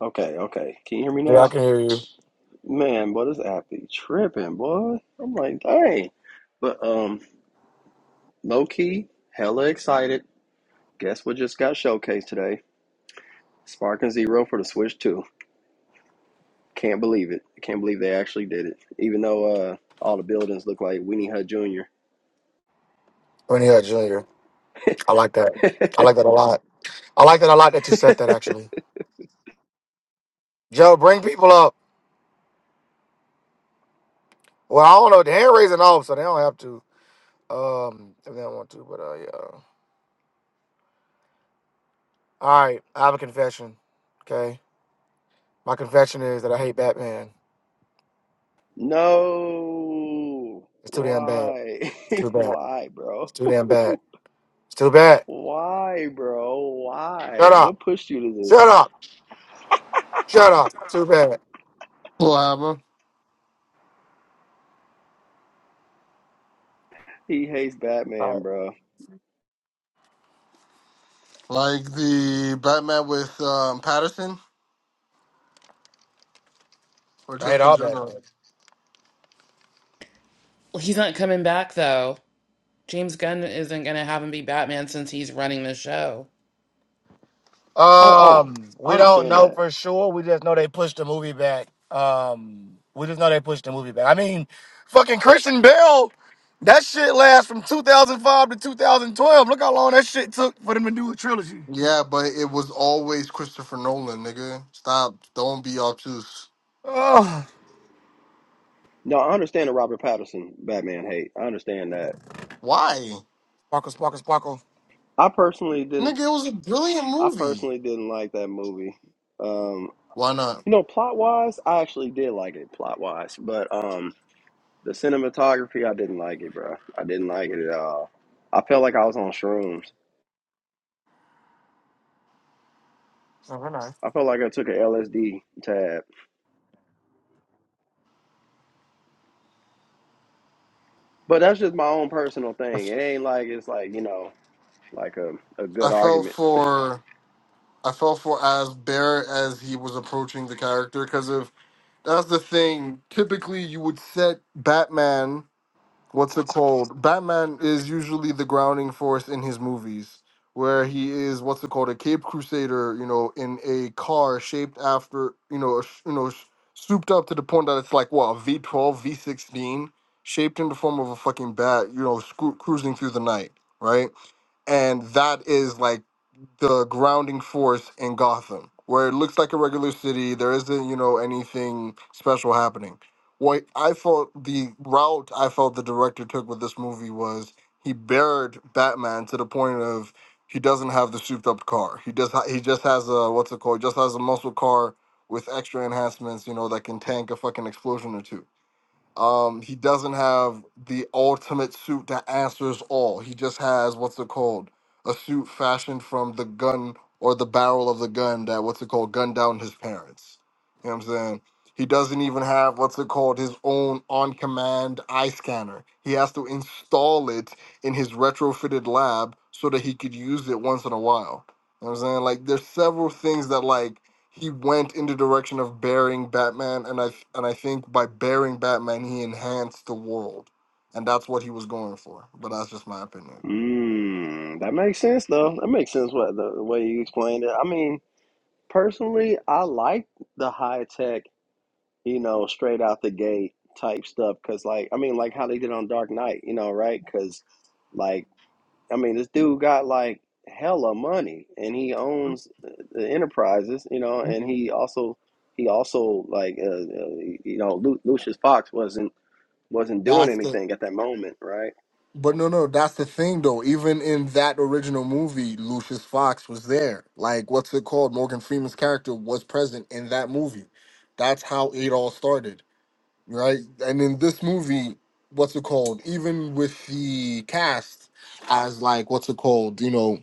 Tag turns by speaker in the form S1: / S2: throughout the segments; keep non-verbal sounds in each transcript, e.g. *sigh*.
S1: Okay, okay. Can you hear me
S2: Yeah, I
S1: now?
S2: can hear you.
S1: Man, boy, this app be tripping, boy. I'm like, dang. But um, low key, hella excited. Guess what just got showcased today? Spark and Zero for the Switch 2. Can't believe it. Can't believe they actually did it. Even though uh all the buildings look like Weenie Hut Jr.
S2: Renee Jr. I like that. I
S1: *laughs*
S2: like that a lot. I like that a lot that you said that actually. Joe, bring people up. Well, I don't know. The hand raising off, so they don't have to. Um, if they don't want to, but uh, yeah. All right, I have a confession. Okay, my confession is that I hate Batman.
S1: No.
S2: It's too damn bad.
S1: Why?
S2: It's
S1: *laughs*
S2: too bad.
S1: Why,
S2: It's
S1: bro?
S2: too damn bad.
S1: *laughs*
S2: It's too bad.
S1: Why, bro?
S2: Shut
S1: Why?
S2: up.
S1: What pushed you to this?
S2: Shut up. Shut up. Too bad.
S3: Lava,
S1: He hates
S2: All
S1: Batman,
S2: right.
S1: bro.
S3: like the Batman with um, Patterson, or
S2: I hate
S3: just in
S2: all
S3: general.
S2: Batman.
S4: Well, He's not coming back though. James Gunn isn't going to have him be Batman since he's running the show.
S1: Oh, oh,
S2: Um,
S1: I
S2: we don't
S1: understand
S2: know
S1: that.
S2: for sure. We just know they pushed the movie back. Um, we just know they pushed the movie back. I mean, fucking Christian Bale, that shit lasts from 2005 to 2012. Look how long that shit took for them to do a trilogy.
S3: Yeah, but it was always Christopher Nolan, nigga. Stop, don't be obtuse.
S2: Oh,
S1: No, I understand the Robert Pattinson Batman hate. I understand that.
S3: Why,
S2: sparkle, sparkle, sparkle.
S1: I personally didn't.
S3: nigga? It was a brilliant
S1: I
S3: movie.
S1: personally didn't like that movie. Um,
S3: Why not?
S1: you know, plot wise, I actually did like it plot wise, but um, the cinematography, I didn't like it, bro. I didn't like it at all. I felt like I was on shrooms.
S2: No, we're not.
S1: I felt like I took a LSD tab. But that's just my own personal thing. It ain't like it's like you know like a a
S3: I
S1: good
S3: felt
S1: argument.
S3: for I felt for as Bear as he was approaching the character because if that's the thing, typically you would set Batman. what's it called? Batman is usually the grounding force in his movies, where he is what's it called a Cape Crusader, you know, in a car shaped after you know, sh- you know, sh- souped up to the point that it's like what a V twelve, V sixteen, shaped in the form of a fucking bat, you know, scru- cruising through the night, right? And that is like the grounding force in Gotham, where it looks like a regular city. There isn't, you know, anything special happening. What I felt the route I felt the director took with this movie was he buried Batman to the point of he doesn't have the souped up car. He does. ha- He just has a what's it called? Just has a muscle car with extra enhancements, you know, that can tank a fucking explosion or two. Um, he doesn't have the ultimate suit that answers all. He just has what's it called? A suit fashioned from the gun or the barrel of the gun that what's it called gunned down his parents. You know what I'm saying? He doesn't even have what's it called his own on command eye scanner. He has to install it in his retrofitted lab so that he could use it once in a while. You know what I'm saying? Like there's several things that like he went in the direction of burying Batman, and I and I think by burying Batman, he enhanced the world, and that's what he was going for. But that's just my opinion.
S1: Mm, that makes sense though. That makes sense what the, the way you explained it. I mean, personally, I like the high tech, you know, straight out the gate type stuff because, like, I mean, like how they did on Dark Knight, you know, right? Because, like, I mean, this dude got like hella money and he owns the enterprises, you know, and he also he also like uh, uh, you know Lu Lucius Fox wasn't wasn't doing
S3: That's the
S1: anything at that moment, right?
S3: but no no that's the thing though. Even in that original movie, Lucius Fox was there. Like what's it called? Morgan Freeman's character was present in that movie. That's how it all started, right? And in this movie, what's it called? Even with the cast as like what's it called? You know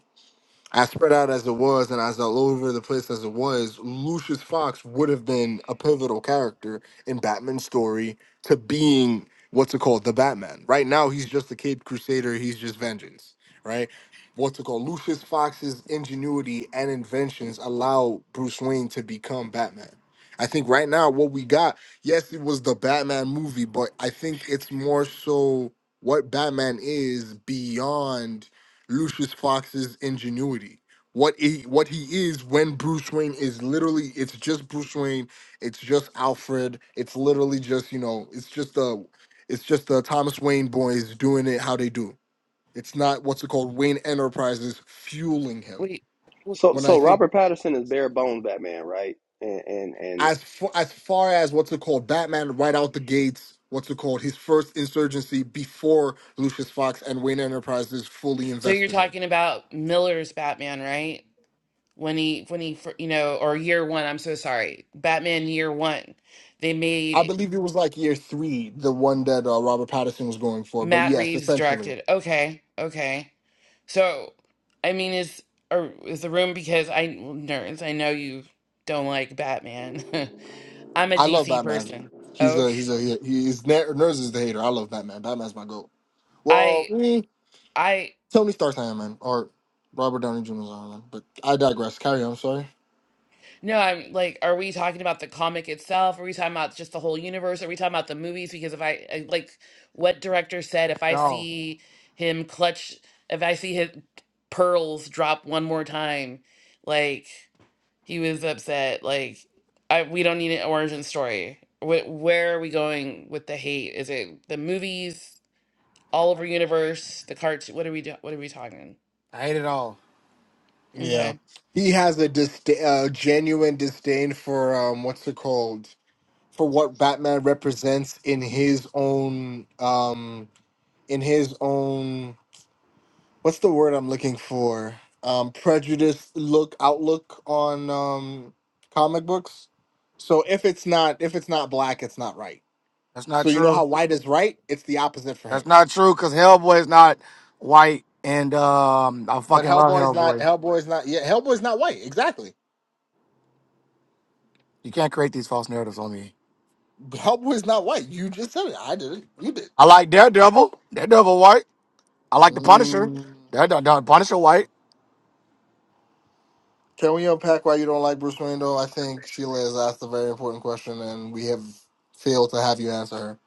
S3: I spread out as it was and I was all over the place as it was, Lucius Fox would have been a pivotal character in Batman's story to being what's it called, the Batman. Right now, he's just the Cape Crusader, he's just vengeance, right? What's it called? Lucius Fox's ingenuity and inventions allow Bruce Wayne to become Batman. I think right now, what we got, yes, it was the Batman movie, but I think it's more so what Batman is beyond Lucius Fox's ingenuity. What he what he is when Bruce Wayne is literally it's just Bruce Wayne, it's just Alfred, it's literally just, you know, it's just the it's just the Thomas Wayne boys doing it how they do. It's not what's it called Wayne Enterprises fueling him.
S4: Wait. wh-
S1: So
S3: When I
S1: so
S3: think
S1: Robert Pattinson is bare bones Batman, right? And and and
S3: as far, as far as what's it called Batman right out the gates, what's it called his first insurgency before Lucius Fox and Wayne Enterprises fully
S4: So
S3: invest
S4: you're
S3: in him.
S4: talking about Miller's Batman, right? When he when he fir- you know or year 1, I'm so sorry. Batman year 1. They
S3: I
S4: made
S3: believe it was like year three, the one that uh, Robert Pattinson was going for. But
S4: Matt
S3: yes,
S4: Reeves
S3: essentially,
S4: directed. Okay. Okay. So I mean is or is the room because I nerds, I know you don't like Batman. *laughs* I'm a
S3: I love
S4: DC
S3: Batman.
S4: person.
S3: He's a
S4: Okay.
S3: he's a he, he's ner- Nerds is the hater. I love Batman. Batman's my goat.
S4: I
S3: Well, mm,
S4: I
S3: Tony Stark's Iron Man or Robert Downey Jr.'s Iron Man. But I digress. Carry on. I'm Sorry.
S4: No, I'm like, are we talking about the comic itself? Are we talking about just the whole universe? Are we talking about the movies? Because if I I- like what director said, if I
S2: No,
S4: see him clutch, if I see his pearls drop one more time, like he was upset. Like I, we don't need an origin story. Wh- where are we going with the hate? Is it the movies, all over universe, the cartoon? What are we do- What are we talking?
S2: I hate it all.
S3: Yeah,
S4: Okay,
S3: he has a disda- uh, genuine disdain for um what's it called for what Batman represents in his own um in his own what's the word I'm looking for? Um, prejudice look outlook on um, comic books. So if it's not if it's not black, it's not right.
S2: That's not
S3: So you know
S2: true.
S3: how white is right? It's the opposite for
S2: That's
S3: him.
S2: not true because Hellboy is not white, and um, I
S3: But
S2: fucking love
S3: Hellboy's not
S2: Hellboy.
S3: Hellboy's not yeah Hellboy's not white exactly.
S2: You can't create these false narratives on me.
S3: Hellboy's not white. You just said it. I did it. You did.
S2: I like Daredevil. Daredevil white. I like the Punisher.
S3: Mm.
S2: That done done Punisher White.
S3: Can we unpack why you don't like Bruce Wayne though? I think Sheila has asked a very important question and we have failed to have you answer her.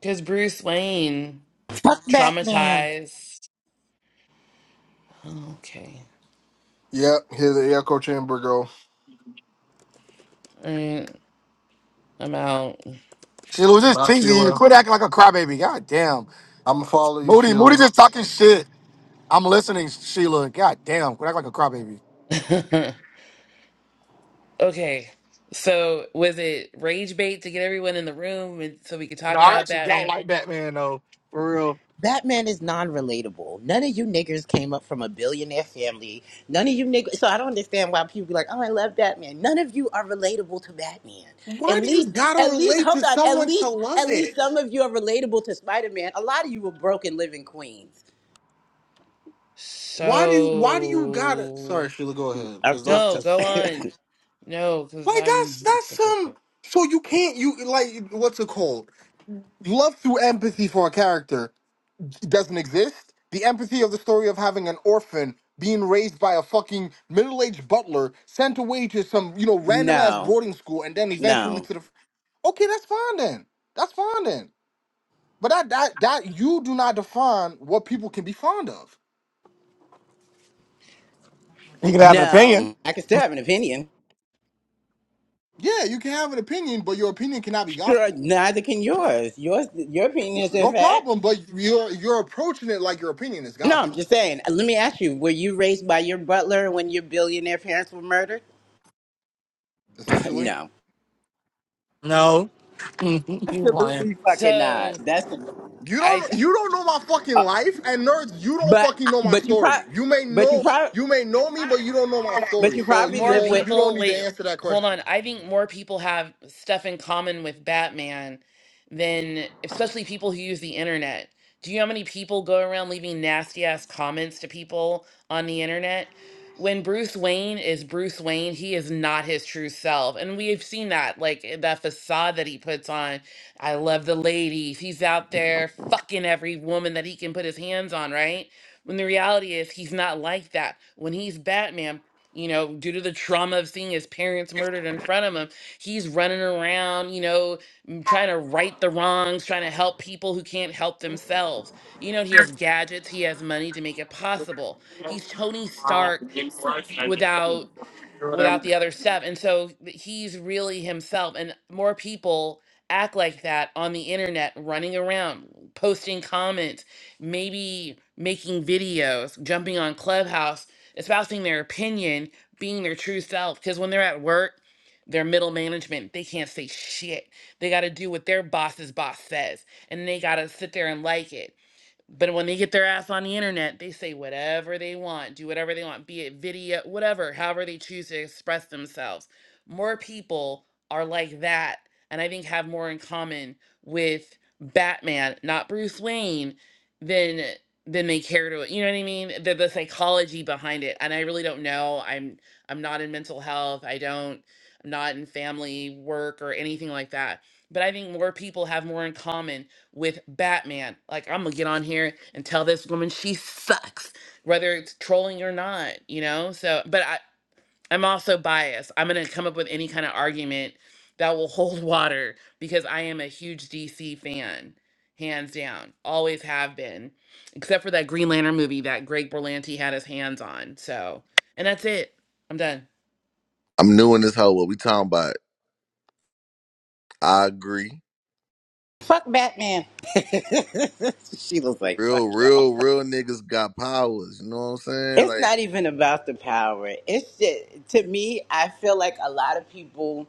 S4: because Bruce Wayne
S5: Fuck Batman.
S4: traumatized. Okay.
S3: Yep, here's the echo chamber go.
S4: Alright, I'm out.
S2: She loses
S3: Bye
S2: teasing
S3: Sheila.
S2: you. Quit acting like a crybaby. God damn.
S3: I'm gonna follow you,
S2: Moody, Moody
S3: Sheila.
S2: just talking shit. I'm listening, Sheila. God damn. Quit acting like a crybaby.
S4: *laughs* okay. So was it rage bait to get everyone in the room and so we could talk
S2: No, I
S4: about
S2: actually don't
S4: Batman?
S2: like Batman though. For real.
S5: Batman is non-relatable. None of you niggers came up from a billionaire family. None of you niggers. So I don't understand why people be like, "Oh, I love Batman." None of you are relatable to Batman. At
S3: Why do you
S5: least,
S3: gotta
S5: at least,
S3: relate to
S5: hold on. At
S3: someone to
S5: least, at
S3: love
S5: least
S3: it?
S5: some of you are relatable to Spider-Man. A lot of you were broken living queens.
S3: Why do you why do you gotta
S4: So
S3: Sorry, Sheila. Go ahead,
S5: I'm
S3: because that's
S5: just
S4: no, go
S3: just
S4: on. No, because
S3: like that's
S4: I'm. I'm
S3: that's
S4: stuck with
S3: some
S4: that.
S3: so you can't you like what's it called? Love through empathy for a character doesn't exist. The empathy of the story of having an orphan being raised by a fucking middle-aged butler sent away to some you know random ass
S5: no,
S3: boarding school and then eventually
S5: no,
S3: to the okay that's fine then that's fine then But that that that you do not define what people can be fond of.
S2: He can have an opinion.
S5: no. I can still have an opinion.
S3: Yeah, you can have an opinion, but your opinion cannot be
S5: Sure,
S3: gospel.
S5: neither can yours. Yours, your opinion is in
S3: No
S5: fact.
S3: problem, but you're you're approaching it like your opinion is
S5: No, I'm
S3: gospel,
S5: just saying. uh, Let me ask you: Were you raised by your butler when your billionaire parents were murdered? *laughs*
S3: essentially.
S5: no,
S2: No. *laughs* He's lying.
S5: absolutely fucking not.
S4: so
S5: That's
S3: You
S4: I
S3: don't you don't know my fucking life, and nerds, you don't
S5: but
S3: fucking
S5: uh,
S3: know my
S5: but you
S3: story.
S5: probably
S3: You may
S5: but you
S3: know
S5: probably
S3: you may know me, but you don't know my
S5: but
S3: story.
S5: you
S3: So
S5: probably
S3: you
S4: More
S5: live
S3: don't
S5: with
S3: you don't
S4: people,
S3: need to
S4: wait,
S3: answer that
S4: hold
S3: question.
S4: on. I think more people have stuff in common with Batman than, especially people who use the internet. Do you know how many people go around leaving nasty ass comments to people on the internet? When Bruce Wayne is Bruce Wayne, he is not his true self. And we have seen that, like eh, that facade that he puts on. I love the ladies. He's out there fucking every woman that he can put his hands on, right? When the reality is, he's not like that. When he's Batman, you know, due to the trauma of seeing his parents murdered in front of him, he's running around, you know, m- trying to right the wrongs, trying to help people who can't help themselves. You know, he has gadgets, he has money to make it possible. He's Tony Stark
S2: Or
S4: without without
S2: whatever.
S4: the other stuff. And so he's really himself, and more people act like that on the internet, running around, posting comments, maybe making videos, jumping on Clubhouse, espousing their opinion, being their true self. Because when they're at work, they're middle management. They can't say shit. They got to do what their boss's boss says, and they got to sit there and like it. But when they get their ass on the internet, they say whatever they want, do whatever they want, be it video, whatever, however they choose to express themselves. More people are like that, and I think have more in common with Batman, not Bruce Wayne, than than they care to. You know what I mean? The the psychology behind it, and I really don't know. I'm I'm not in mental health. I don't. I'm not in family work or anything like that. But I think more people have more in common with Batman. Like, I'm gonna get on here and tell this woman she sucks, whether it's trolling or not, you know? So, but I, I'm also biased. I'm gonna come up with any kind of argument that will *laughs* hold water because I am a huge DC fan, hands down. Always have been, except for that Green Lantern movie that Greg Berlanti had his hands on. So, and that's it. I'm done.
S6: I'm new in this hoe. What we talking about? I agree.
S5: fuck Batman. *laughs* she was like fuck
S6: Real,
S5: y'all.
S6: real, real niggas got powers. You know what I'm saying?
S5: It's
S6: Like,
S5: not even about the power. It's just, to me. I feel like a lot of people.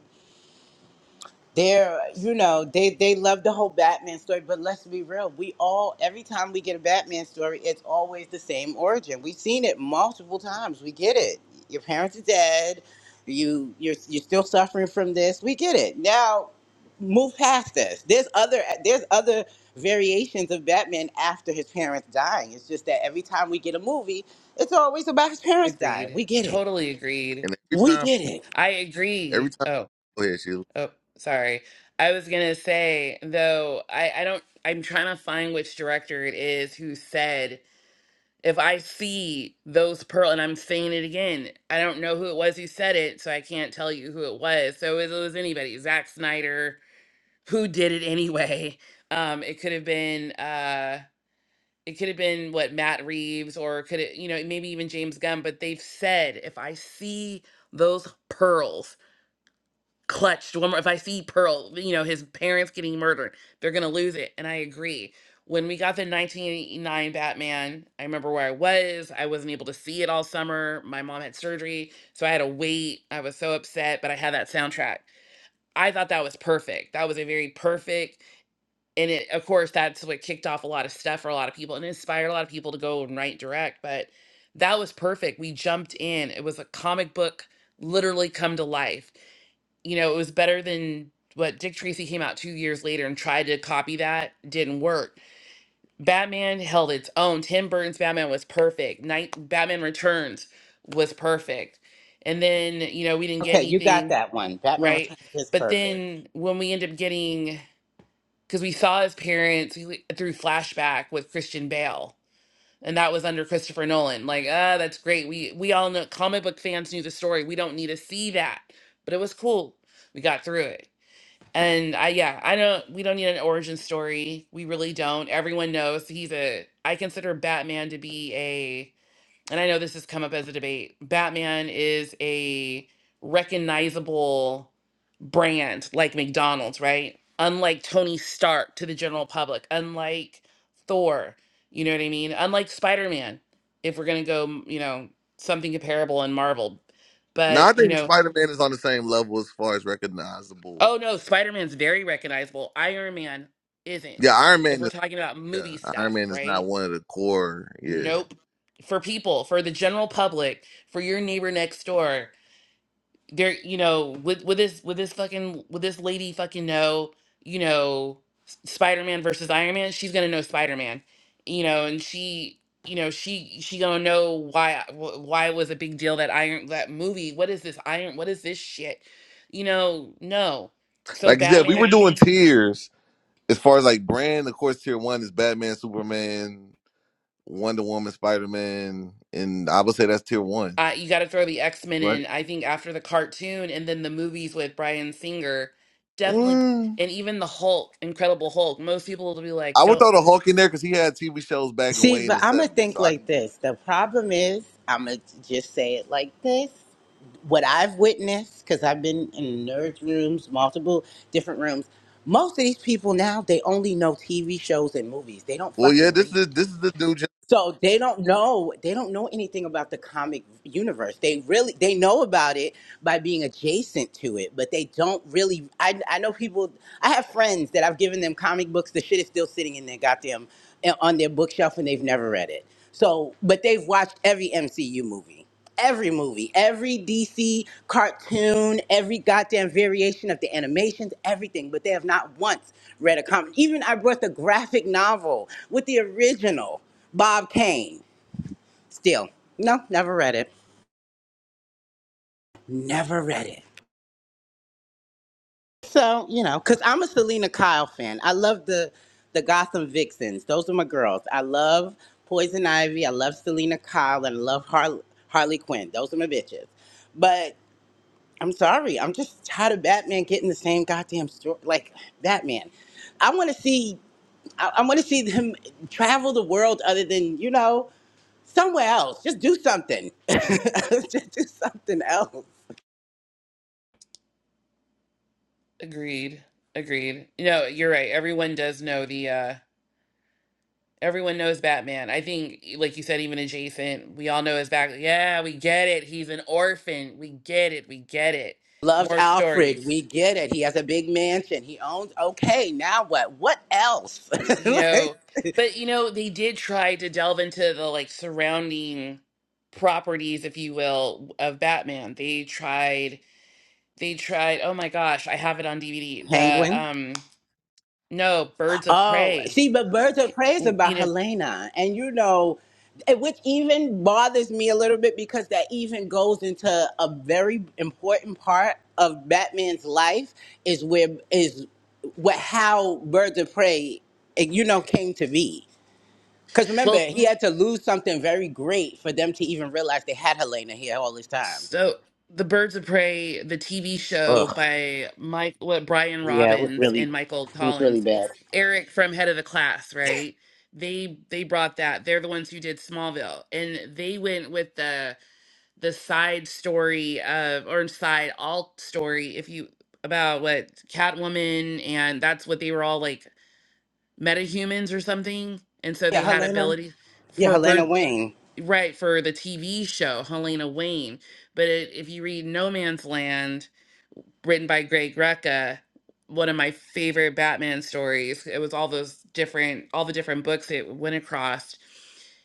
S5: they're you know they they love the whole batman story but let's be real we all every time we get a batman story it's always the same origin we've seen it multiple times we get it your parents are dead you you're you're still suffering from this we get it now move past this there's other there's other variations of batman after his parents dying it's just that every time we get a movie it's always about his parents dying
S4: Agreed.
S5: we get it
S4: Totally agreed.
S6: and every
S5: we
S6: time,
S5: get it
S4: I
S6: every
S4: agree.
S6: time.
S4: Oh.
S6: Go ahead, Sheila.
S4: Oh, sorry. I was gonna say though, I I don't. I'm trying to find which director it is who said if I see those pearl, and I'm saying it again. I don't know who it was who said it, so I can't tell you who it was. So it was anybody, Zack Snyder, who did it anyway. *laughs* Um, it could have been uh. It could have been what Matt Reeves or could it, you know, maybe even James Gunn, but they've said if I see those pearls, clutched one more if i see pearl you know his parents getting murdered they're gonna lose it and i agree when we got the 1989 batman i remember where i was i wasn't able to see it all summer my mom had surgery so i had to wait i was so upset but i had that soundtrack i thought that was perfect that was a very perfect and it of course that's what kicked off a lot of stuff for a lot of people and inspired a lot of people to go and write direct but that was perfect we jumped in it was a comic book literally come to life you know, it was better than what Dick Tracy came out two years later and tried to copy that. Didn't work. Batman held its own. Tim Burton's Batman was perfect. Night Batman Returns was perfect. And then, you know, we didn't get
S5: okay you got
S4: anything
S5: that one batman
S4: right.
S5: returns is
S4: But
S5: perfect
S4: then when we end up getting, because we saw his parents we- through flashback with Christian Bale, and that was under Christopher Nolan. Like, ah, that's great. We we all know comic book fans knew the story. We don't need to see that, but it was cool. We got through it and I yeah, I don't we don't need an origin story. We really don't. Everyone knows he's a I consider Batman to be a and I know this has come up as a debate. Batman is a recognizable brand like McDonald's, right? Unlike Tony Stark to the general public, unlike Thor, you know what I mean? Unlike Spider-Man, if we're going to go, you know, something comparable in Marvel.
S6: Now I
S4: But, you
S6: think
S4: know,
S6: Spider Man is on the same level as far as recognizable.
S4: Oh no, Spider Man's very recognizable. Iron Man isn't.
S6: Yeah, Iron
S4: If
S6: Man
S4: we're
S6: is.
S4: talking about
S6: Yeah,
S4: movie
S6: Iron
S4: stuff,
S6: Man is not
S4: right?
S6: one of the core. Yeah,
S4: Nope. For people, for the general public, for your neighbor next door, there, you know, with with this with this fucking with this lady fucking know, you know, Spider Man versus Iron Man, she's gonna know Spider Man, you know, and she, you know, she she gonna know why wh- why it was a big deal that Iron that movie. What is this Iron? What is this shit? You know, no. So
S6: like you said, we
S4: Batman is.
S6: were doing tiers as far as like brand. Of course, tier one is Batman, Superman, Wonder Woman, Spider Man, and I would say that's tier one,
S4: Uh, you got to throw the X Men
S6: right?
S4: in. I think after the cartoon and then the movies with Bryan Singer, definitely,
S6: Mm,
S4: and even the Hulk, Incredible Hulk. Most people will be like,
S6: I would
S4: "Don't
S6: throw the Hulk in there because he had TV shows back and
S5: See,
S6: way in
S5: but
S6: the
S5: I'm going to
S6: '70s,
S5: think
S6: so I
S5: like
S6: can get.
S5: this. The problem is, I'm going to just say it like this. What I've witnessed, because I've been in nerd rooms, multiple different rooms, most of these people now, they only know TV shows and movies. They don't
S6: Well, yeah,
S5: fucking
S6: this
S5: read.
S6: is this is the new
S5: So they don't know they don't know anything about the comic universe. They really they know about it by being adjacent to it, but they don't really I I know people I have friends that I've given them comic books the shit is still sitting in their goddamn eh, on their bookshelf and they've never read it. So, but they've watched every MCU movie. Every movie, every DC cartoon, every goddamn variation of the animations, everything, but they have not once read a comic. Even I brought the graphic novel with the original. Bob Kane. Still, no, never read it. Never read it. So you know, cause I'm a Selena Kyle fan. I love the the Gotham Vixens. Those are my girls. I love Poison Ivy. I love Selena Kyle, and I love Har- Harley Quinn. Those are my bitches. But I'm sorry, I'm just tired of Batman getting the same goddamn story. Like Batman, I want to see. I, I want to see them travel the world other than you know. somewhere else. Just do something. *laughs* Just do something else.
S4: agreed, agreed." No, you're right. Everyone does know the. uh Everyone knows Batman. I think, e, like you said, even adjacent, we all know his back. Yeah, we get it. He's an orphan. We get it. We get it.
S5: Loves
S4: More
S5: Alfred.
S4: stories.
S5: We get it. He has a big mansion. He owns. Okay, now what? What else? *laughs*
S4: you
S5: Like,
S4: know but you know they did try to delve into the like surrounding properties if you will of batman they tried they tried oh my gosh i have it on dvd the
S5: Penguin.
S4: um no birds of
S5: Oh,
S4: prey
S5: see, but Birds of Prey is
S4: w-
S5: about
S4: you know
S5: Helena, and you know, eh, which even bothers me a little bit because that even goes into a very important part of Batman's life is where is what how Birds of Prey, eh, you know, came to be. Because remember,
S4: well
S5: he had to lose something very great for them to even realize they had Helena here all this time.
S4: so the birds of prey the tv show
S5: Ugh.
S4: by mike what brian
S5: Yeah, it was
S4: robbins
S5: really,
S4: and michael
S5: it was really
S4: collins
S5: bad.
S4: eric from head of the class right they they brought that they're the ones who did smallville and they went with the the side story of or side alt story if you about what Catwoman and that's what they were all like metahumans or something. And so
S5: Yeah,
S4: they had
S5: Helena.
S4: abilities
S5: Yeah,
S4: for
S5: Helena
S4: birth
S5: Wayne.
S4: right for the TV show Helena Wayne. But it, if you read No Man's Land written by Greg Rucka, one of my favorite Batman stories. It was all those different, all the different books it went across.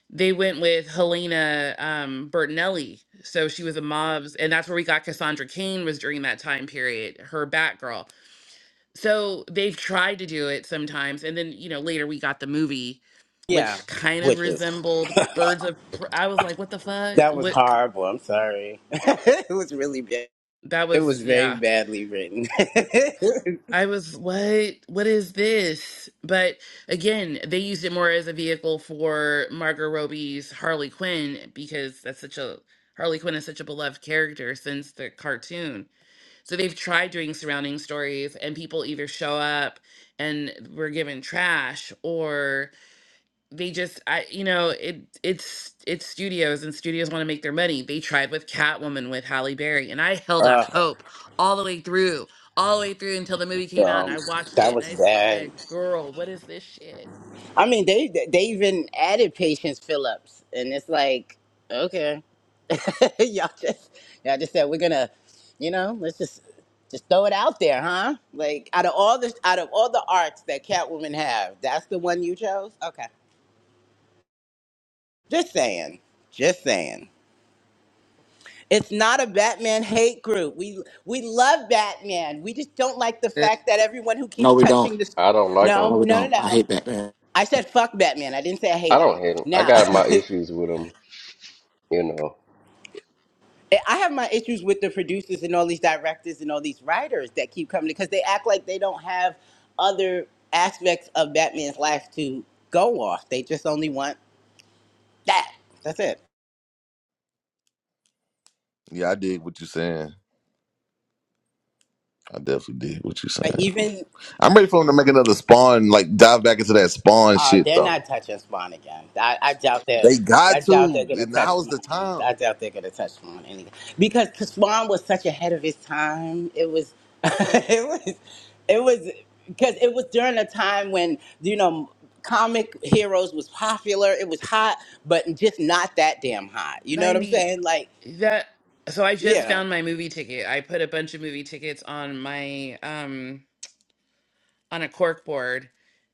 S4: They went with Helena um, Bertinelli, so she was a mob's, and that's where we got Cassandra Cain was during that time period, her Batgirl. So they've tried to do it sometimes, and then you know later we got the movie,
S5: Yeah,
S4: which kind of
S5: witches.
S4: resembled Birds of. Pr- I was like, what the fuck?
S5: That was
S4: What? c-
S5: horrible. I'm sorry. *laughs* it was really bad.
S4: That
S5: It was
S4: was yeah.
S5: very badly written. *laughs*
S4: I was, what? What is this? But again, they used it more as a vehicle for Margot Robbie's Harley Quinn because that's such a Harley Quinn is such a beloved character since the cartoon. So they've tried doing surrounding stories, and people either show up and were given trash, they just I you know it it's it's studios and studios want to make their money. They tried with Catwoman with Halle Berry and I held out
S5: Ugh,
S4: hope all the way through, all the way through until the movie came out and
S5: um,
S4: I watched
S5: that
S4: it and
S5: was
S4: I
S5: bad.
S4: said, "Girl, what is this shit?"
S5: I mean, they they even added Patience Phillips, and it's like, okay. *laughs* y'all just y'all just said we're gonna, you know, let's just just throw it out there, huh? Like out of all the out of all the arts that Catwoman have, that's the one you chose. Okay, just saying, just saying. It's not a Batman hate group. We we love Batman. We just don't like the
S6: generation.
S5: fact that everyone who keeps
S2: No, we don't.
S5: touching this.
S7: I don't like
S2: No,
S7: him.
S5: No,
S2: we
S5: no, no,
S2: don't. I
S5: no.
S2: hate Batman.
S5: I said fuck Batman. I didn't say I
S7: I
S5: hate him.
S7: don't hate him. I
S5: Now.
S7: got my
S5: *laughs*
S7: issues with him. You know,
S5: Eh, I have my issues with the producers and all these directors and all these writers that keep coming because they act like they don't have other aspects of Batman's life to go off. They just only want that. That's it.
S6: Yeah, I did what you are saying. I definitely did what you are
S5: Like
S6: saying.
S5: even
S6: I'm ready for him to make another Spawn, like dive back into that Spawn
S5: Uh,
S6: shit
S5: they're
S6: though.
S5: not touching Spawn again. I, I doubt that.
S6: They
S5: I
S6: got
S5: doubt they're
S6: to,
S5: gonna
S6: and
S5: touch
S6: now's the
S5: Spawn.
S6: time.
S5: I doubt they're gonna touch Spawn anyway. Because Spawn was such ahead of his time. It was, *laughs* it was, it was, because it was during a time when you know comic heroes was popular. It was hot, but just not that damn hot. You know what I'm
S4: 90
S5: saying? Like,
S4: that so I just
S5: yeah,
S4: found my movie ticket. I put a bunch of movie tickets on my um on a cork board.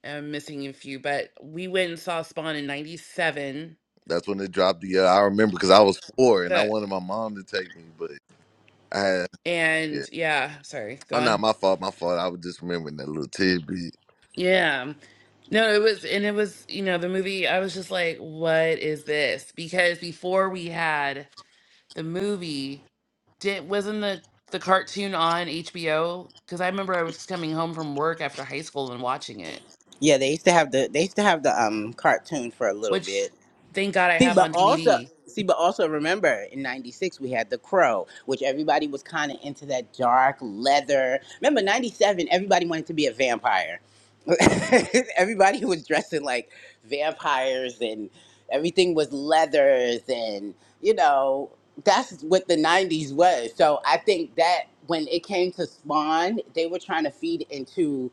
S4: I'm missing a few, but we went and saw Spawn in 97.
S6: That's when they dropped the. Uh, I remember because I was four and I
S4: The
S6: wanted my mom to take me, but I had. Yeah,
S4: and yeah, sorry, go
S6: I'm not
S4: on.
S6: my fault. My fault. I was just remembering that little tidbit.
S4: Yeah. No, it was, and it was, you know, the movie. I was just like, what is this? Because before we had the movie, did wasn't the the cartoon on HBO? Because I remember I was coming home from work after high school and watching it,
S5: yeah. They used to have the they used to have the um cartoon for a little
S4: which
S5: bit.
S4: thank God I
S5: See,
S4: have
S5: but
S4: on
S5: also
S4: DVD.
S5: see, but also remember in '96 we had The Crow, which everybody was kind of into that dark leather. Remember '97, everybody wanted to be a vampire. *laughs* everybody was dressing like vampires, and everything was leathers, and you know that's what the '90s was. So I think that when it came to Spawn, they were trying to feed into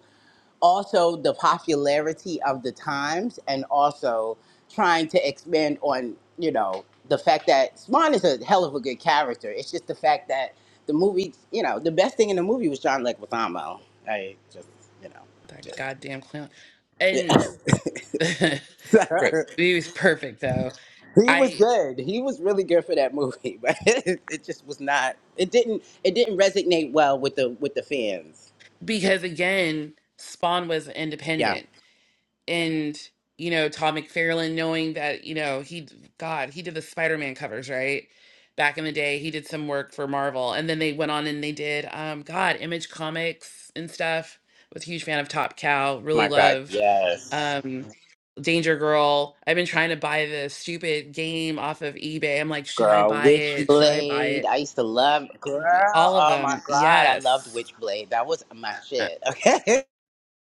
S5: also the popularity of the times and also trying to expand on you know the fact that Spawn is a hell of a good character. It's just the fact that the movie, you know, the best thing in the movie was John Leguizamo. I just you know
S4: That
S5: just.
S4: goddamn clown. And *laughs* Rip. it was perfect though.
S5: *laughs* he was
S4: I
S5: good. He was really good for that movie, *laughs* but it, it just was not. It didn't. It didn't resonate well with the with the fans.
S4: because again, Spawn was
S5: Yeah.
S4: independent.
S5: Oh
S4: and you know Todd McFarlane knowing that you know he God he did the Spider-Man covers right back in the day he did some work for Marvel and then they went on and they did um God Image Comics and stuff was a huge fan of Top Cow really
S5: my God.
S4: loved
S5: Yes.
S4: um Danger Girl I've been trying to buy the stupid game off of eBay I'm like should I
S5: Girl,
S4: buy it should I buy
S5: Witchblade.
S4: it
S5: I used to love girl.
S4: all of
S5: Oh my
S4: them
S5: god, I loved
S4: yes
S5: Witchblade. That was my shit. Okay. *laughs*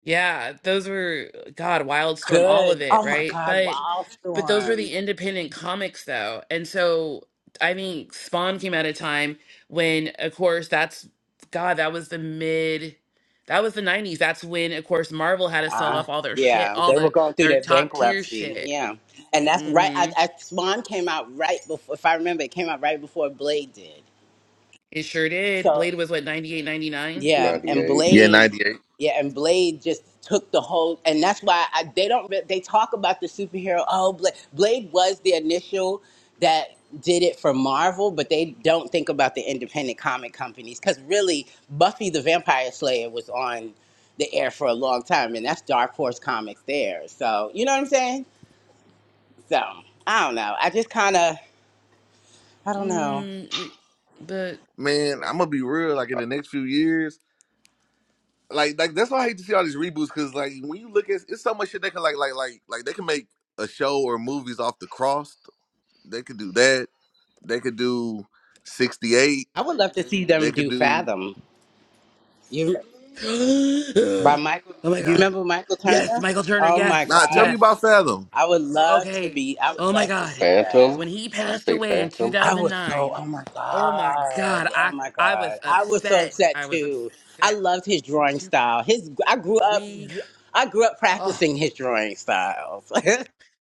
S4: Yeah, those were God, Wildstorm, all of
S5: Good.
S4: it,
S5: Oh my
S4: right?
S5: god,
S4: But but those were
S5: Wildstorm.
S4: the independent comics though. And so I mean Spawn came at a time when of course that's God, that was the mid that was the 90s. That's when of course Marvel had to sell
S5: Uh,
S4: off all their shit,
S5: yeah,
S4: all
S5: they were
S4: the
S5: going through
S4: their
S5: their
S4: top tier
S5: bankruptcy.
S4: shit.
S5: Yeah, and that's right. I,
S4: Mhm.
S5: I, Swan came out right before. If I remember, it came out right before Blade did.
S4: It sure did.
S5: So.
S4: Blade was what ninety eight, ninety nine.
S5: Yeah,
S7: ninety
S5: and
S7: eight.
S6: Yeah,
S5: Blade,
S6: '98.
S5: yeah, and Blade just took the whole, and that's why I, they don't. re- They talk about the superhero. Oh, Blade, Blade was the initial that did it for Marvel, but they don't think about the independent comic companies because really, Buffy the Vampire Slayer was on the air for a long time, and that's Dark Horse Comics there. So you know what I'm saying? So I don't know. I just kind of, I don't know.
S4: Mm, we but
S6: Man,
S7: Yeah,
S6: I'm gonna be real. Like in the next few years. like like that's why I hate to see all these reboots because like when you look at it's so much shit they can like like like like they can make a show or movies off the cross. They could do that. They could do sixty eight.
S5: I would love to see
S6: They
S5: them
S6: could
S5: do
S6: do
S5: Fathom. You. by
S4: *gasps*
S5: Michael.
S4: Oh my
S5: You
S4: God.
S5: remember Michael Turner?
S4: Yes, Michael Turner.
S5: Oh
S4: Yes,
S5: my
S6: nah. Tell
S5: God.
S6: me
S4: yes.
S6: about Fathom.
S5: I would love to
S4: okay.
S5: be, I would
S4: Oh my
S5: love to
S4: God.
S5: see that.
S7: Phantom.
S4: When he
S7: You
S4: passed
S7: say
S4: away in two
S7: Phantom?
S5: I
S4: thousand
S5: was so,
S4: nine,
S5: oh my
S4: oh my God,
S5: God. Oh
S4: I
S5: my
S4: I
S5: God.
S4: was
S5: I was so
S4: upset.
S5: upset
S4: I was
S5: too. I
S4: upset.
S5: loved his drawing
S4: To,
S5: style. His, I grew up,
S4: we,
S5: I grew up
S4: oh,
S5: practicing his drawing styles. *laughs* I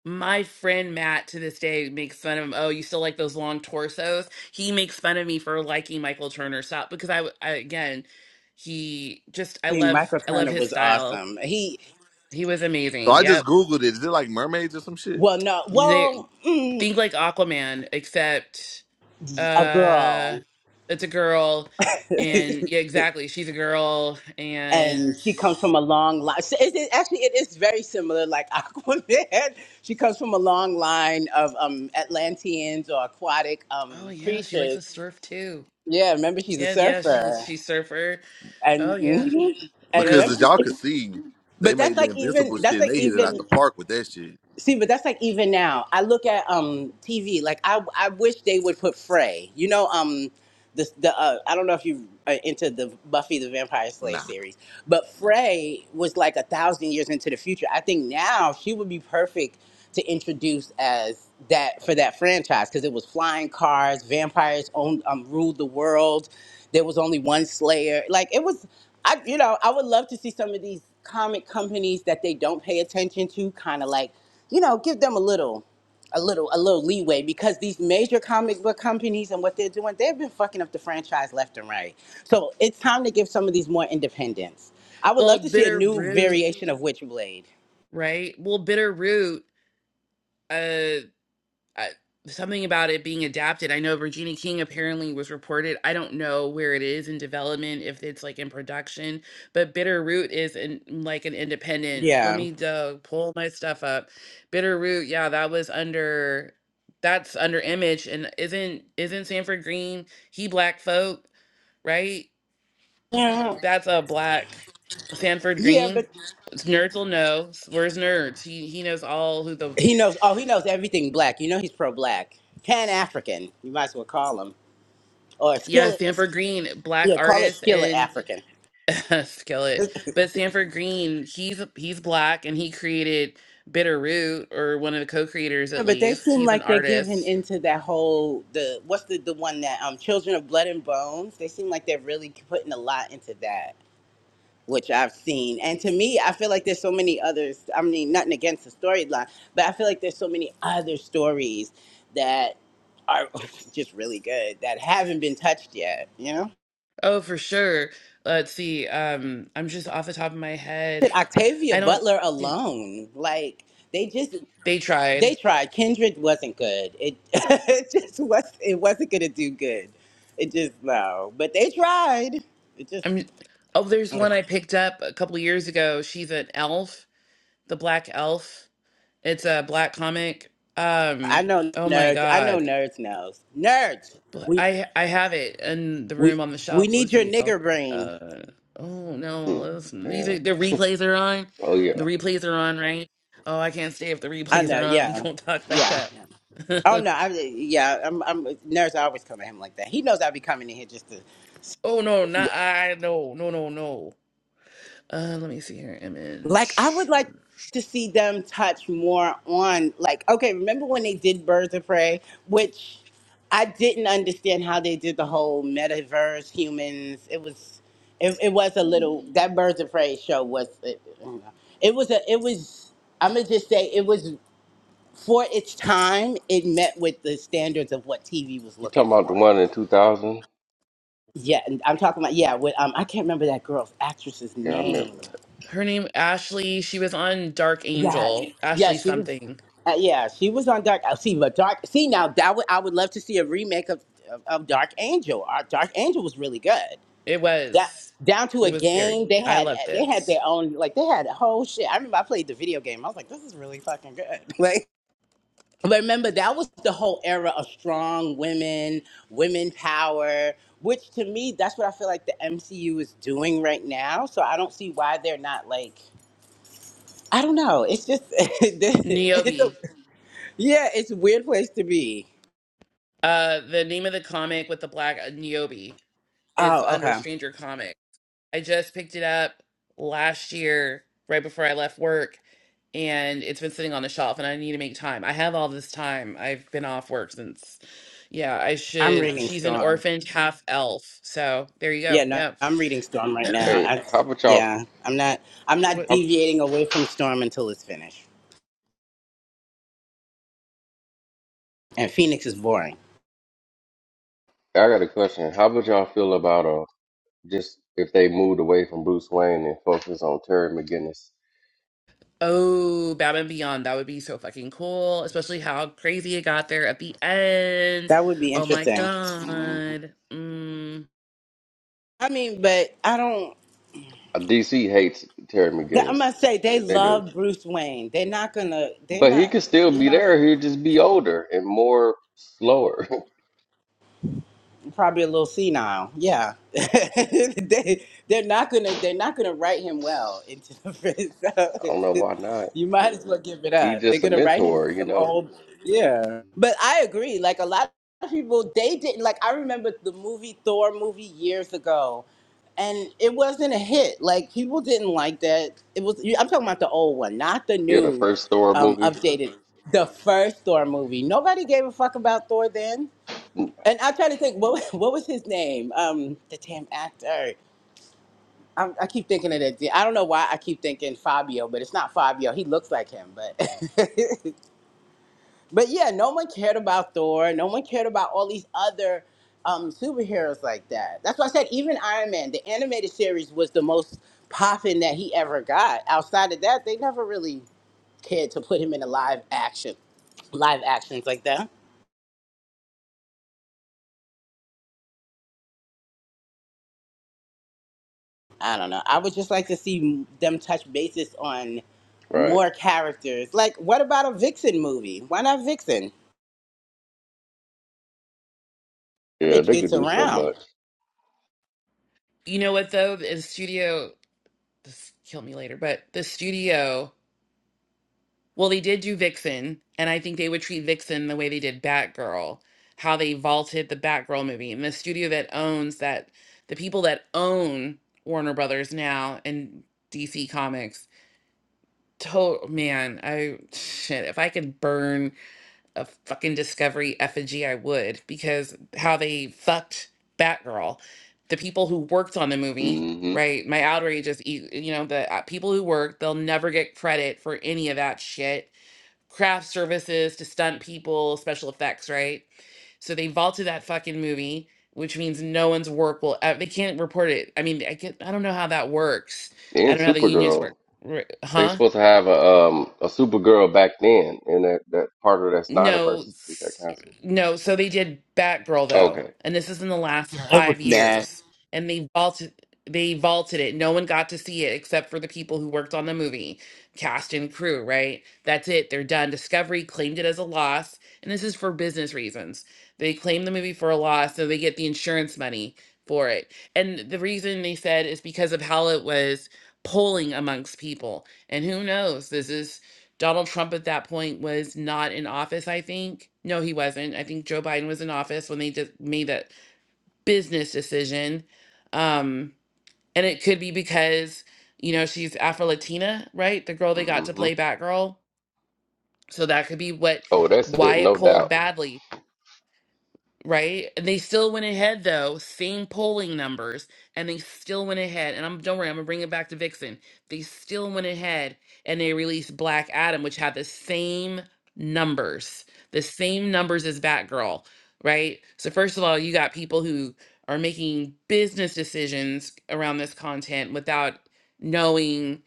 S4: my friend Matt to this day makes fun of him. Oh, you still like those long torsos? He makes fun of me for liking Michael Turner style because I, I again, he just I
S5: mean,
S4: love
S5: Michael
S4: I love
S5: Turner
S4: his
S5: was
S4: style.
S5: awesome. He,
S4: He was
S6: So
S4: amazing.
S6: I just
S4: Yep.
S6: googled it. Is it like mermaids or some shit?
S5: well, no,
S4: They,
S5: well, mm,
S4: think like Aquaman, except
S5: a
S4: uh
S5: girl.
S4: it's a girl
S5: *laughs*
S4: and yeah exactly she's a girl
S5: and
S4: and
S5: she comes from a long line. So it, it, actually, it is very similar, like *laughs* Aquaman. she comes from a long line of um, Atlanteans or aquatic
S4: oh
S5: um,
S4: yeah she likes
S5: creatures.
S4: to surf too
S5: Yeah, remember she's a
S4: yeah yeah she was
S5: surfer,
S4: she's surfer oh
S5: and
S4: yeah
S5: mhm. *laughs* and
S4: yep
S6: Because as
S5: remember,
S6: y'all could see, they
S5: but that's
S6: made the
S5: like even
S6: Invincible
S5: that's
S6: shit and
S5: like
S6: they hit it out the
S5: even
S6: park with that shit.
S5: see, but that's like even now. I look at um TV, like I I wish they would put Frey. You know, um the, the uh, I don't know if you are into the Buffy the Vampire Slayer
S6: Nah.
S5: series, but Frey was like a thousand years into the future. I think now she would be perfect to introduce as that for that franchise because it was flying cars, vampires owned um, ruled the world. There was only one Slayer. Like it was, I you know I would love to see some of these comic companies that they don't pay attention to kind of like you know give them a little a little a little leeway because these major comic book companies and what they're doing, they've been fucking up the franchise left and right. So it's time to give some of these more independence. I would
S4: well
S5: love to see a
S4: bitter
S5: new
S4: root
S5: variation of Witchblade.
S4: right well bitter root uh, something about it being adapted. I know Regina King apparently was reported. I don't know where it is in development, if it's like in production, but Bitterroot is in like an independent. Let
S5: Yeah.
S4: me uh, pull my stuff up. Bitterroot, yeah, that was under that's under Image, and isn't isn't Sanford Green he black folk right?
S5: Yeah,
S4: That's a black Sanford
S5: yeah,
S4: Green.
S5: but
S4: Nerds will know. Where's Nerds? He he knows all who the
S5: he knows. Oh, he knows everything black. You know he's pro-black, pan-African. You might as well call him or
S4: yeah
S5: skillet.
S4: Sanford Green black
S5: Yeah, call it
S4: artist
S5: skillet
S4: and
S5: African.
S4: *laughs* Skillet. But Sanford Green, he's he's black and he created Bitterroot or one of the co-creators
S5: Yeah,
S4: at
S5: but they
S4: least.
S5: seem
S4: He's an
S5: like they're giving
S4: artist.
S5: into that whole the what's the the one that um Children of Blood and Bones. They seem like they're really putting a lot into that. which I've seen. And to me, I feel like there's so many others. I mean, nothing against the storyline, but I feel like there's so many other stories that are *laughs* just really good that haven't been touched yet, you know?
S4: Oh, for sure. Let's see. Um, I'm just off the top of my head.
S5: Shit, Octavia
S4: I don't.
S5: Butler
S4: Yeah.
S5: alone, like they just
S4: They
S5: they
S4: tried.
S5: tried. Kindred wasn't good. It, *laughs* it just was it wasn't gonna do good. It just no. But they tried. It just
S4: I'm. Oh, there's
S5: ugh.
S4: one I picked up a couple years ago. She's an elf, the black elf. It's a black comic.
S5: I
S4: Um.
S5: know
S4: Oh my
S5: nerds. I
S4: God.
S5: know nerds knows. Nerds.
S4: Bl- I I have it in the
S5: We
S4: room on the
S5: we
S4: shelf.
S5: need
S4: Let's
S5: your
S4: see. Oh,
S5: nigger brain.
S4: uh, oh no.
S7: Hmm.
S4: let's- These are
S7: Damn.
S4: the replays are on.
S7: Oh
S4: The
S7: yeah.
S4: replays are on, right? Oh, I can't stay if the
S5: I
S4: replays
S5: know.
S4: are on. *laughs* We
S5: Yeah,
S4: don't talk like
S5: yeah.
S4: that.
S5: Oh
S4: *laughs*
S5: no. I yeah. I'm. I'm nurse. I always come at him like that. He knows I'll be coming in here just to
S4: oh no, not I. No, no, no, no. Uh, let me see her
S5: like. I would
S4: image.
S5: like to see them touch more on like. Okay, remember when they did Birds of Prey, which I didn't understand how they did the whole metaverse humans. It was. It, it was a little that Birds of Prey show was. It, I don't know. it was a. It was. I'm gonna just say it was. for its time, it met with the standards of what TV was
S7: You
S5: looking
S7: talking about the
S5: for.
S7: one in two thousand?
S5: Yeah, and I'm talking about yeah. With um, I can't remember that girl's actress's
S7: Yeah, I remember
S5: name.
S7: that.
S4: Her name Ashley. She was on Dark
S5: Yes,
S4: Angel.
S5: yeah,
S4: Ashley
S5: she was.
S4: something.
S5: Uh, yeah, she was on Dark. uh, See, but Dark. See now that would I would love to see a remake of of, of Dark Angel. Our Dark Angel was really good.
S4: It
S5: That
S4: was.
S5: down to a
S4: It was very.
S5: game they
S4: I
S5: had
S4: loved
S5: they had
S4: it.
S5: their own like they had a whole shit. I remember I played the video game. I was like, this is really fucking good. *laughs* Like But remember, that was the whole era of strong women, women power, which to me, that's what I feel like the MCU is doing right now. So I don't see why they're not like, I don't know. It's just, *laughs* it's a,
S4: Niobe.
S5: yeah, it's a weird place to be.
S4: Uh, the name of the comic with the black uh, Niobe. It's
S5: Oh,
S4: under
S5: okay.
S4: Stranger Comic. I just picked it up last year, right before I left work, and it's been sitting on the shelf, and I need to make time. I have all this time. I've been off work since. Yeah, I
S5: I'm
S4: should.
S5: reading
S4: She's an
S5: Storm.
S4: orphaned half elf. So there you go.
S5: Yeah, no,
S4: Yeah.
S5: I'm reading Storm right now.
S7: Hey,
S5: I,
S7: how about y'all?
S5: yeah, I'm not, I'm not
S4: What?
S7: How,
S5: deviating away from Storm until it's finished. And Phoenix is boring.
S7: I got a question. How about y'all feel about uh just if they moved away from Bruce Wayne and focus on Terry McGinnis?
S4: Oh, Batman Beyond. That would be so fucking cool, especially how crazy it got there at the end.
S5: That would be
S4: Oh my
S5: interesting.
S7: Mm-hmm.
S4: God. Mm.
S5: I mean, but I don't.
S7: DC hates Terry
S5: Th- I
S7: McGinnis.
S5: must say they
S7: They, they do,
S5: love Bruce Wayne. They're not gonna. They're
S7: but he
S5: not.
S7: could still
S5: You
S7: be
S5: know.
S7: there. He'd just be older and more slower.
S5: probably a little senile. Yeah, *laughs* they they're not gonna they're not gonna write him
S7: *laughs*
S5: well into the *laughs* fence.
S7: I don't know
S5: So,
S7: why not.
S5: you might as well give it
S7: He
S5: up. They're
S7: just a
S5: gonna write him in
S7: mentor, you
S5: some
S7: know.
S5: old yeah. But I agree. Like a lot of people, they didn't like. I remember the movie Thor movie years ago, and it wasn't a hit. Like people didn't like that. It was I'm talking about the old one, not the
S7: Yeah, the
S5: new,
S7: first Thor
S5: um,
S7: movie.
S5: updated. The first Thor movie. Nobody gave a fuck about Thor then and I'm trying to think what *laughs* what was his name? Um, the damn actor. i I keep thinking of that. I don't know why I keep thinking Fabio, but it's not Fabio. He looks like him, but *laughs* but yeah, no one cared about Thor. No one cared about all these other um, superheroes like that. That's why I said even Iron Man, the animated series, was the most poppin' that he ever got. Outside of that, they never really cared to put him in a live action, live actions like that. I don't know. I would just like to see them touch basis on
S7: Right.
S5: more characters. Like, what about a Vixen movie? Why not Vixen? That
S7: Yeah,
S5: bitch
S7: they
S5: gets
S7: could do so
S5: around.
S7: much.
S4: You know what, though? The studio, this kill me later, but the studio. Well, they did do Vixen, and I think they would treat Vixen the way they did Batgirl, how they vaulted the Batgirl movie. And the studio that owns that, the people that own Warner Brothers now and DC Comics, to man, I shit, if I could burn a fucking Discovery effigy, I would, because how they fucked Batgirl. The people who worked on the movie,
S7: hmm
S4: right? My outrage is, e- you know, the uh, people who worked, they'll never get credit for any of that shit craft services to stunt people, special effects, right? So they vaulted that fucking movie, which means no one's work will ever, they can't report it. I mean, I get I don't know how that works. I
S7: And
S4: don't know how the unions work.
S7: Supergirl.
S4: Ri-
S7: They
S4: Huh?
S7: supposed to have a um a Supergirl back then in that, that part of that
S4: No,
S7: Snyderverse. We got
S4: s-
S7: canceled.
S4: no. So they did Batgirl though,
S7: Okay.
S4: and this is in the last
S5: It was
S4: five
S5: bad.
S4: years, and they vaulted they vaulted it. No one got to see it except for the people who worked on the movie, cast and crew. Right? That's it. They're done. Discovery claimed it as a loss, and this is for business reasons. They claim the movie for a loss, so they get the insurance money for it. And the reason they said is because of how it was polling amongst people. And who knows? This is Donald Trump at that point was not in office, I think. No, he wasn't. I think Joe Biden was in office when they just made that business decision. Um, and it could be because, you know, she's Afro Latina, right? The girl they got to
S7: hmm
S4: play Batgirl. So that could be what
S7: Oh, that's
S4: why
S7: it,
S4: it
S7: no
S4: pulled
S7: doubt.
S4: badly right? And they still went ahead though, same polling numbers, and they still went ahead. And I'm don't worry, I'm gonna bring it back to Vixen. They still went ahead and they released Black Adam, which had the same numbers, the same numbers as Batgirl, right? So first of all, you got people who are making business decisions around this content without knowing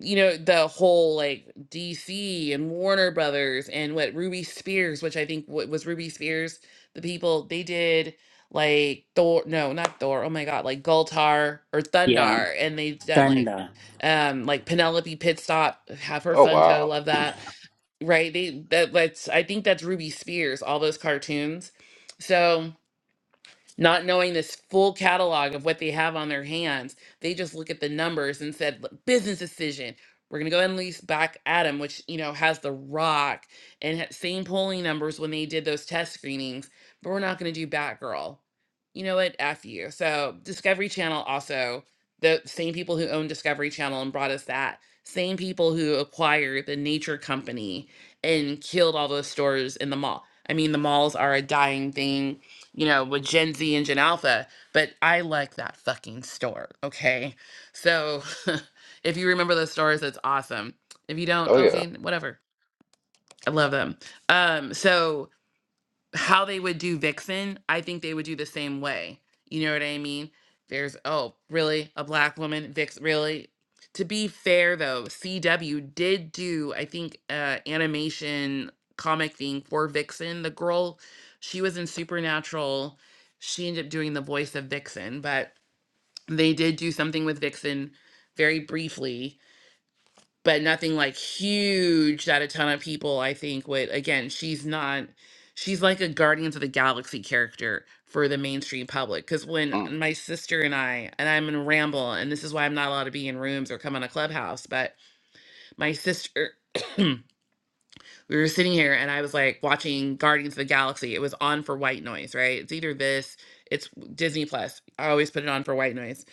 S4: you know the whole like DC and Warner Brothers and what Ruby Spears, which I think what was Ruby Spears, the people they did like Thor, no, not Thor. Oh my God, like Gultar or
S5: yeah,
S4: Thundar, and they done like
S5: kinda.
S4: um like Penelope Pitstop, have her
S7: Oh
S4: Funko,
S7: wow.
S4: love that, right? They that that's I think that's Ruby Spears, all those cartoons, so not knowing this full catalog of what they have on their hands, they just look at the numbers and said, "Look, business decision. We're going to go ahead and lease back Adam, which, you know, has the rock and ha- same polling numbers when they did those test screenings, but we're not going to do Batgirl. You know what? F you. So Discovery Channel also, the same people who own Discovery Channel and brought us that, same people who acquired the Nature Company and killed all those stores in the mall. I mean, the malls are a dying thing you know, with Gen Z and Gen Alpha, but I like that fucking store. Okay. So *laughs* if you remember those stores, that's awesome. If you don't,
S7: Oh
S4: okay,
S7: yeah.
S4: n- whatever. I love them. Um, so how they would do Vixen, I think they would do the same way. You know what I mean? There's oh, really a black woman Vix really. To be fair though, CW did do I think uh animation comic thing for Vixen. The girl, she was in Supernatural. She ended up doing the voice of Vixen, but they did do something with Vixen very briefly but nothing like huge that a ton of people I think would again, she's not she's like a Guardians of the Galaxy character for the mainstream public. Cause when
S7: Mm.
S4: my sister and I, and I'm in ramble, and this is why I'm not allowed to be in rooms or come on a clubhouse, but my sister we were sitting here and I was like watching Guardians of the Galaxy. It was on for white noise, right? It's either this, it's Disney Plus. I always put it on for white noise.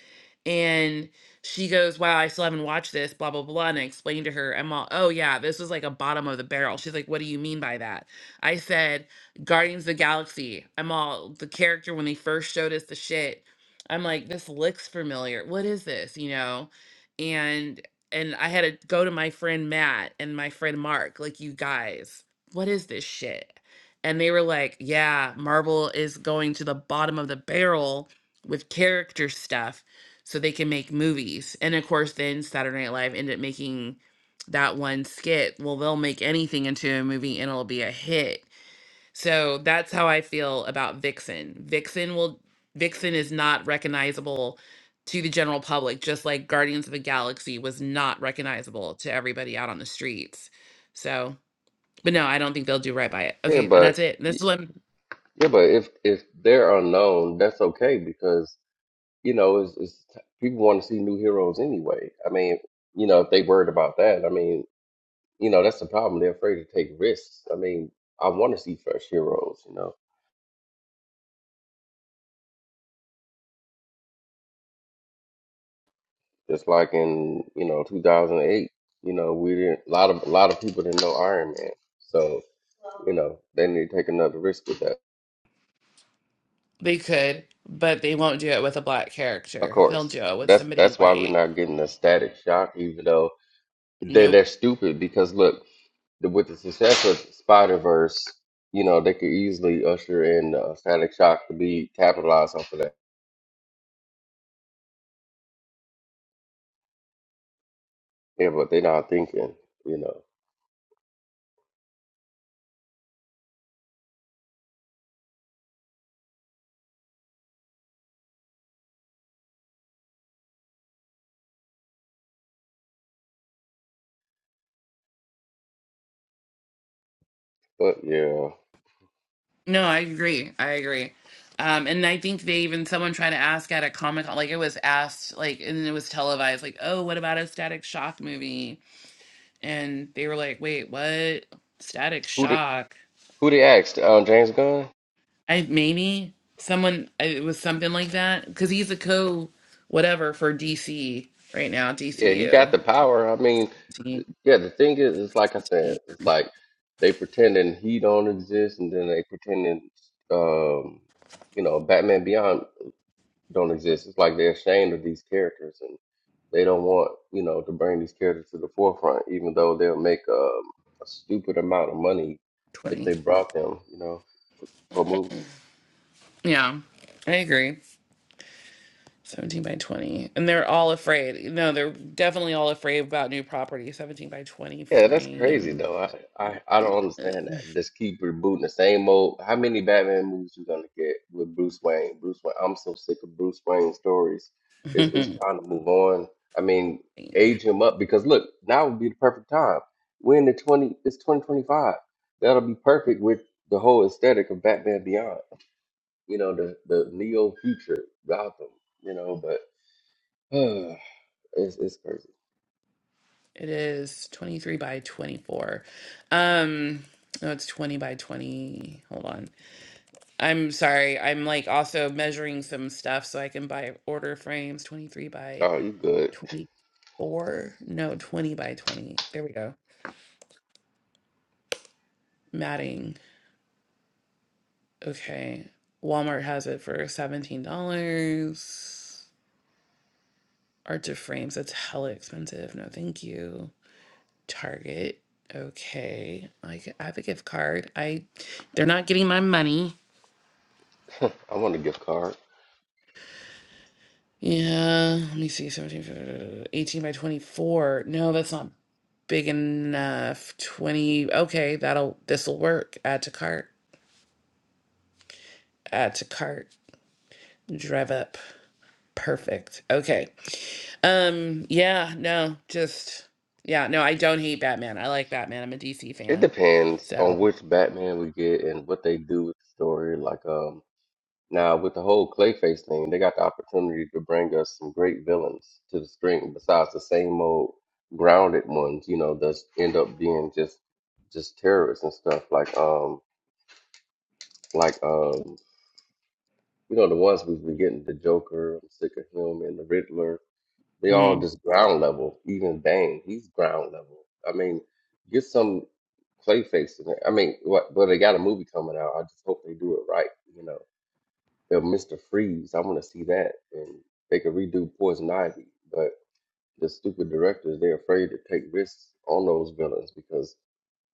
S4: And she goes, Wow, I still haven't watched this, blah, blah, blah. And I explained to her, I'm all, Oh, yeah, this was like a bottom of the barrel. She's like, What do you mean by that? I said, Guardians of the Galaxy. I'm all, the character when they first showed us the shit, I'm like, This looks familiar. What is this? You know? and and I had to go to my friend Matt and my friend Mark, like, you guys, what is this shit? And they were like, yeah, Marvel is going to the bottom of the barrel with character stuff so they can make movies. And of course, then Saturday Night Live ended up making that one skit. Well, they'll make anything into a movie and it'll be a hit. So that's how I feel about Vixen. Vixen will Vixen is not recognizable to the general public, just like Guardians of the Galaxy was not recognizable to everybody out on the streets. So, but no, I don't think they'll do right by it.
S7: Yeah,
S4: Okay, and that's
S7: but
S4: it. This one
S7: yeah, but if if they're unknown, that's okay because you know, is is people want to see new heroes anyway. I mean, you know, if they worried about that, I mean, you know, that's the problem. They're afraid to take risks. I mean, I want to see fresh heroes. You know, just like in you know 2008, you know, we didn't a lot of a lot of people didn't know Iron Man, so you know they need to take another risk with that.
S4: they could, but they won't do it with a black
S7: Of
S4: character. They'll
S7: course,
S4: do it with
S7: that's
S4: somebody
S7: that's why we're
S4: white.
S7: not getting a static shock, even though they're
S4: Nope.
S7: they're stupid because look. the, with the success of Spider Verse, you know, they could easily usher in uh, Static Shock to be capitalized off of that. Yeah, but they're not thinking, you know. But yeah,
S4: No, I agree. I agree. Um, and I think they even someone tried to ask at a Comic Con, like it was asked, like, and it was televised, like, oh, what about a Static Shock movie? And they were like, wait, what? Static
S7: who did
S4: Shock?
S7: who they asked? Um, James Gunn.
S4: I maybe someone I- it was something like that because he's a co whatever for DC right now,
S7: Yeah, he got
S4: DCU
S7: the power. I mean,
S4: Twenty
S7: yeah, the thing is, it's like I
S4: twenty.
S7: said, it's like they pretending he don't exist, and then they pretending, um, you know, Batman Beyond. don't exist. It's like they're ashamed of these characters and they don't want, you know, to bring these characters to the forefront, even though they'll make um, a stupid amount of money if they brought them, you know, for, for movies.
S4: Yeah, I agree. 17 by 20. And they're all afraid. No, they're definitely all afraid about new property. 17 by 20
S7: Yeah, that's crazy
S4: frame.
S7: though. I, I I don't understand that. Just keep rebooting the same old. How many Batman movies you gonna get with Bruce Wayne? Bruce Wayne. I'm so sick of Bruce Wayne stories. It's it's
S4: *laughs*
S7: time to move on. I mean,
S4: It
S7: age him up because look, now would be the perfect time. We're in the twenty. It's 2025. That'll be perfect with the whole aesthetic of Batman Beyond. You know, the the neo future Gotham. You know, but *sighs* it's it's crazy.
S4: is 23 by 24. Um, no, it's 20 by 20. Hold on. I'm sorry. I'm like also measuring some stuff so I can buy order frames 23 by
S7: Oh, you good?
S4: 24. No, 20 by 20. There we go. Matting. Okay. Walmart has it for $17. Art to frames, that's hella expensive. No, thank you. Target. Okay. Like I have a gift card. I they're not getting my money.
S7: *laughs* I want a gift card.
S4: Yeah. Let me see. 17, 18 by 24. No, that's not big enough. 20. Okay, that'll this'll work. Add to cart. Add to cart. Drive up. Perfect. Okay. Um, yeah, no, just yeah, no, I don't hate Batman. I like Batman. I'm a DC
S7: It
S4: fan.
S7: depends
S4: So,
S7: on which Batman we get and what they do with the story. Like, um, now with the whole Clayface thing, they got the opportunity to bring us some great villains to the screen besides the same old grounded ones. You know, that end up being just just terrorists and stuff. Like, um, like um, you know, the ones we've been getting, the Joker. I'm sick of him and the Riddler. They all
S4: mm.
S7: just ground level. Even Bane, he's ground level. I mean, get some Clayface in there. I mean, what? But they got a movie coming out. I just hope they do it right. You know, the Mister Freeze. I want to see that, and they could redo Poison Ivy. But the stupid directors, they're afraid to take risks on those villains because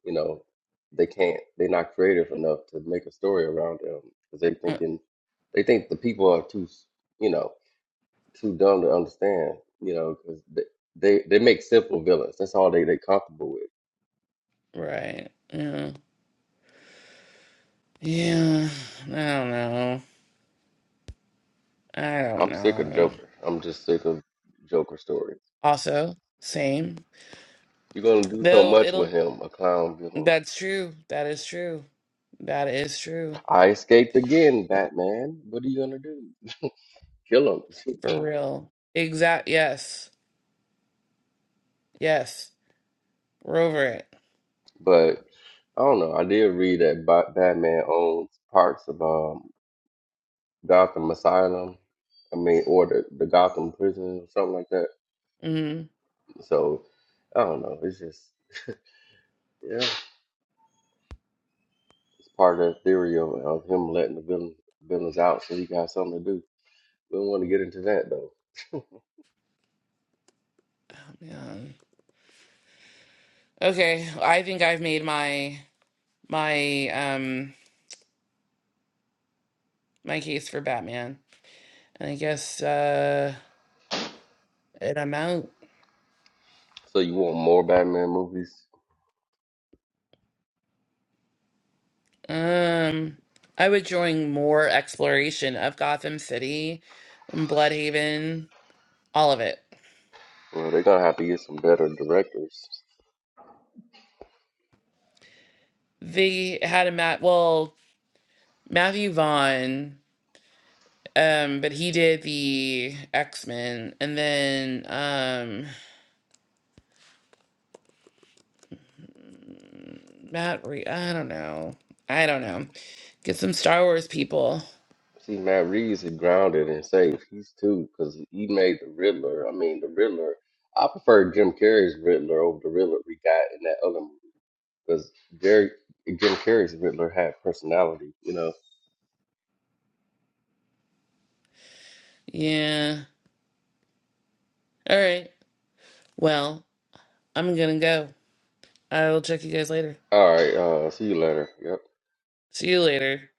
S7: you know they can't. They're not creative enough to make a story around them because they thinking they think the people are too. You know too dumb to understand, you know, because they, they they make simple villains. That's all they they comfortable with.
S4: Right. Yeah. Yeah. I don't know. I don't
S7: I'm sick of
S4: know.
S7: Joker. I'm just sick of Joker stories.
S4: Also, same.
S7: You're gonna do so
S4: Though
S7: much with
S4: it'll
S7: him, a clown villain.
S4: that's true. That is true. That is true.
S7: I escaped again, Batman. What are you gonna do? Kill
S4: For
S7: him?
S4: real. Exact yes. Yes. We're over it.
S7: *laughs* but I don't know. I did read that Ba- Batman owns parts of um, Gotham Asylum. I mean, or the, the Gotham prison or something like that.
S4: Mm-hmm.
S7: So I don't know. It's just yeah. part of the theory of, of him letting the villain, villains out so he got something to do. We don't want to get into that though.
S4: Yeah. Okay. I think I've made my my um my case for Batman. And I guess uh and I'm out.
S7: So you want more Batman movies?
S4: Um, I would join more exploration of Gotham City, Bloodhaven, all of it.
S7: Well, they're gonna have to get some better directors.
S4: They had a Matt, Well, Matthew Vaughn, um, but he did the X Men, and then um, Matt. Re- I don't know. I don't know. Get some Star Wars people.
S7: See, Matt Reeves is grounded and safe. He's too because he made the Riddler. I mean, the Riddler. I prefer Jim Carrey's Riddler over the Riddler we got in that other movie because Jerry Jim Carrey's Riddler had personality. You know.
S4: Yeah. All right. Well, I'm gonna go. I will check you guys later.
S7: All right. Uh, see you later. Yep.
S4: See you later.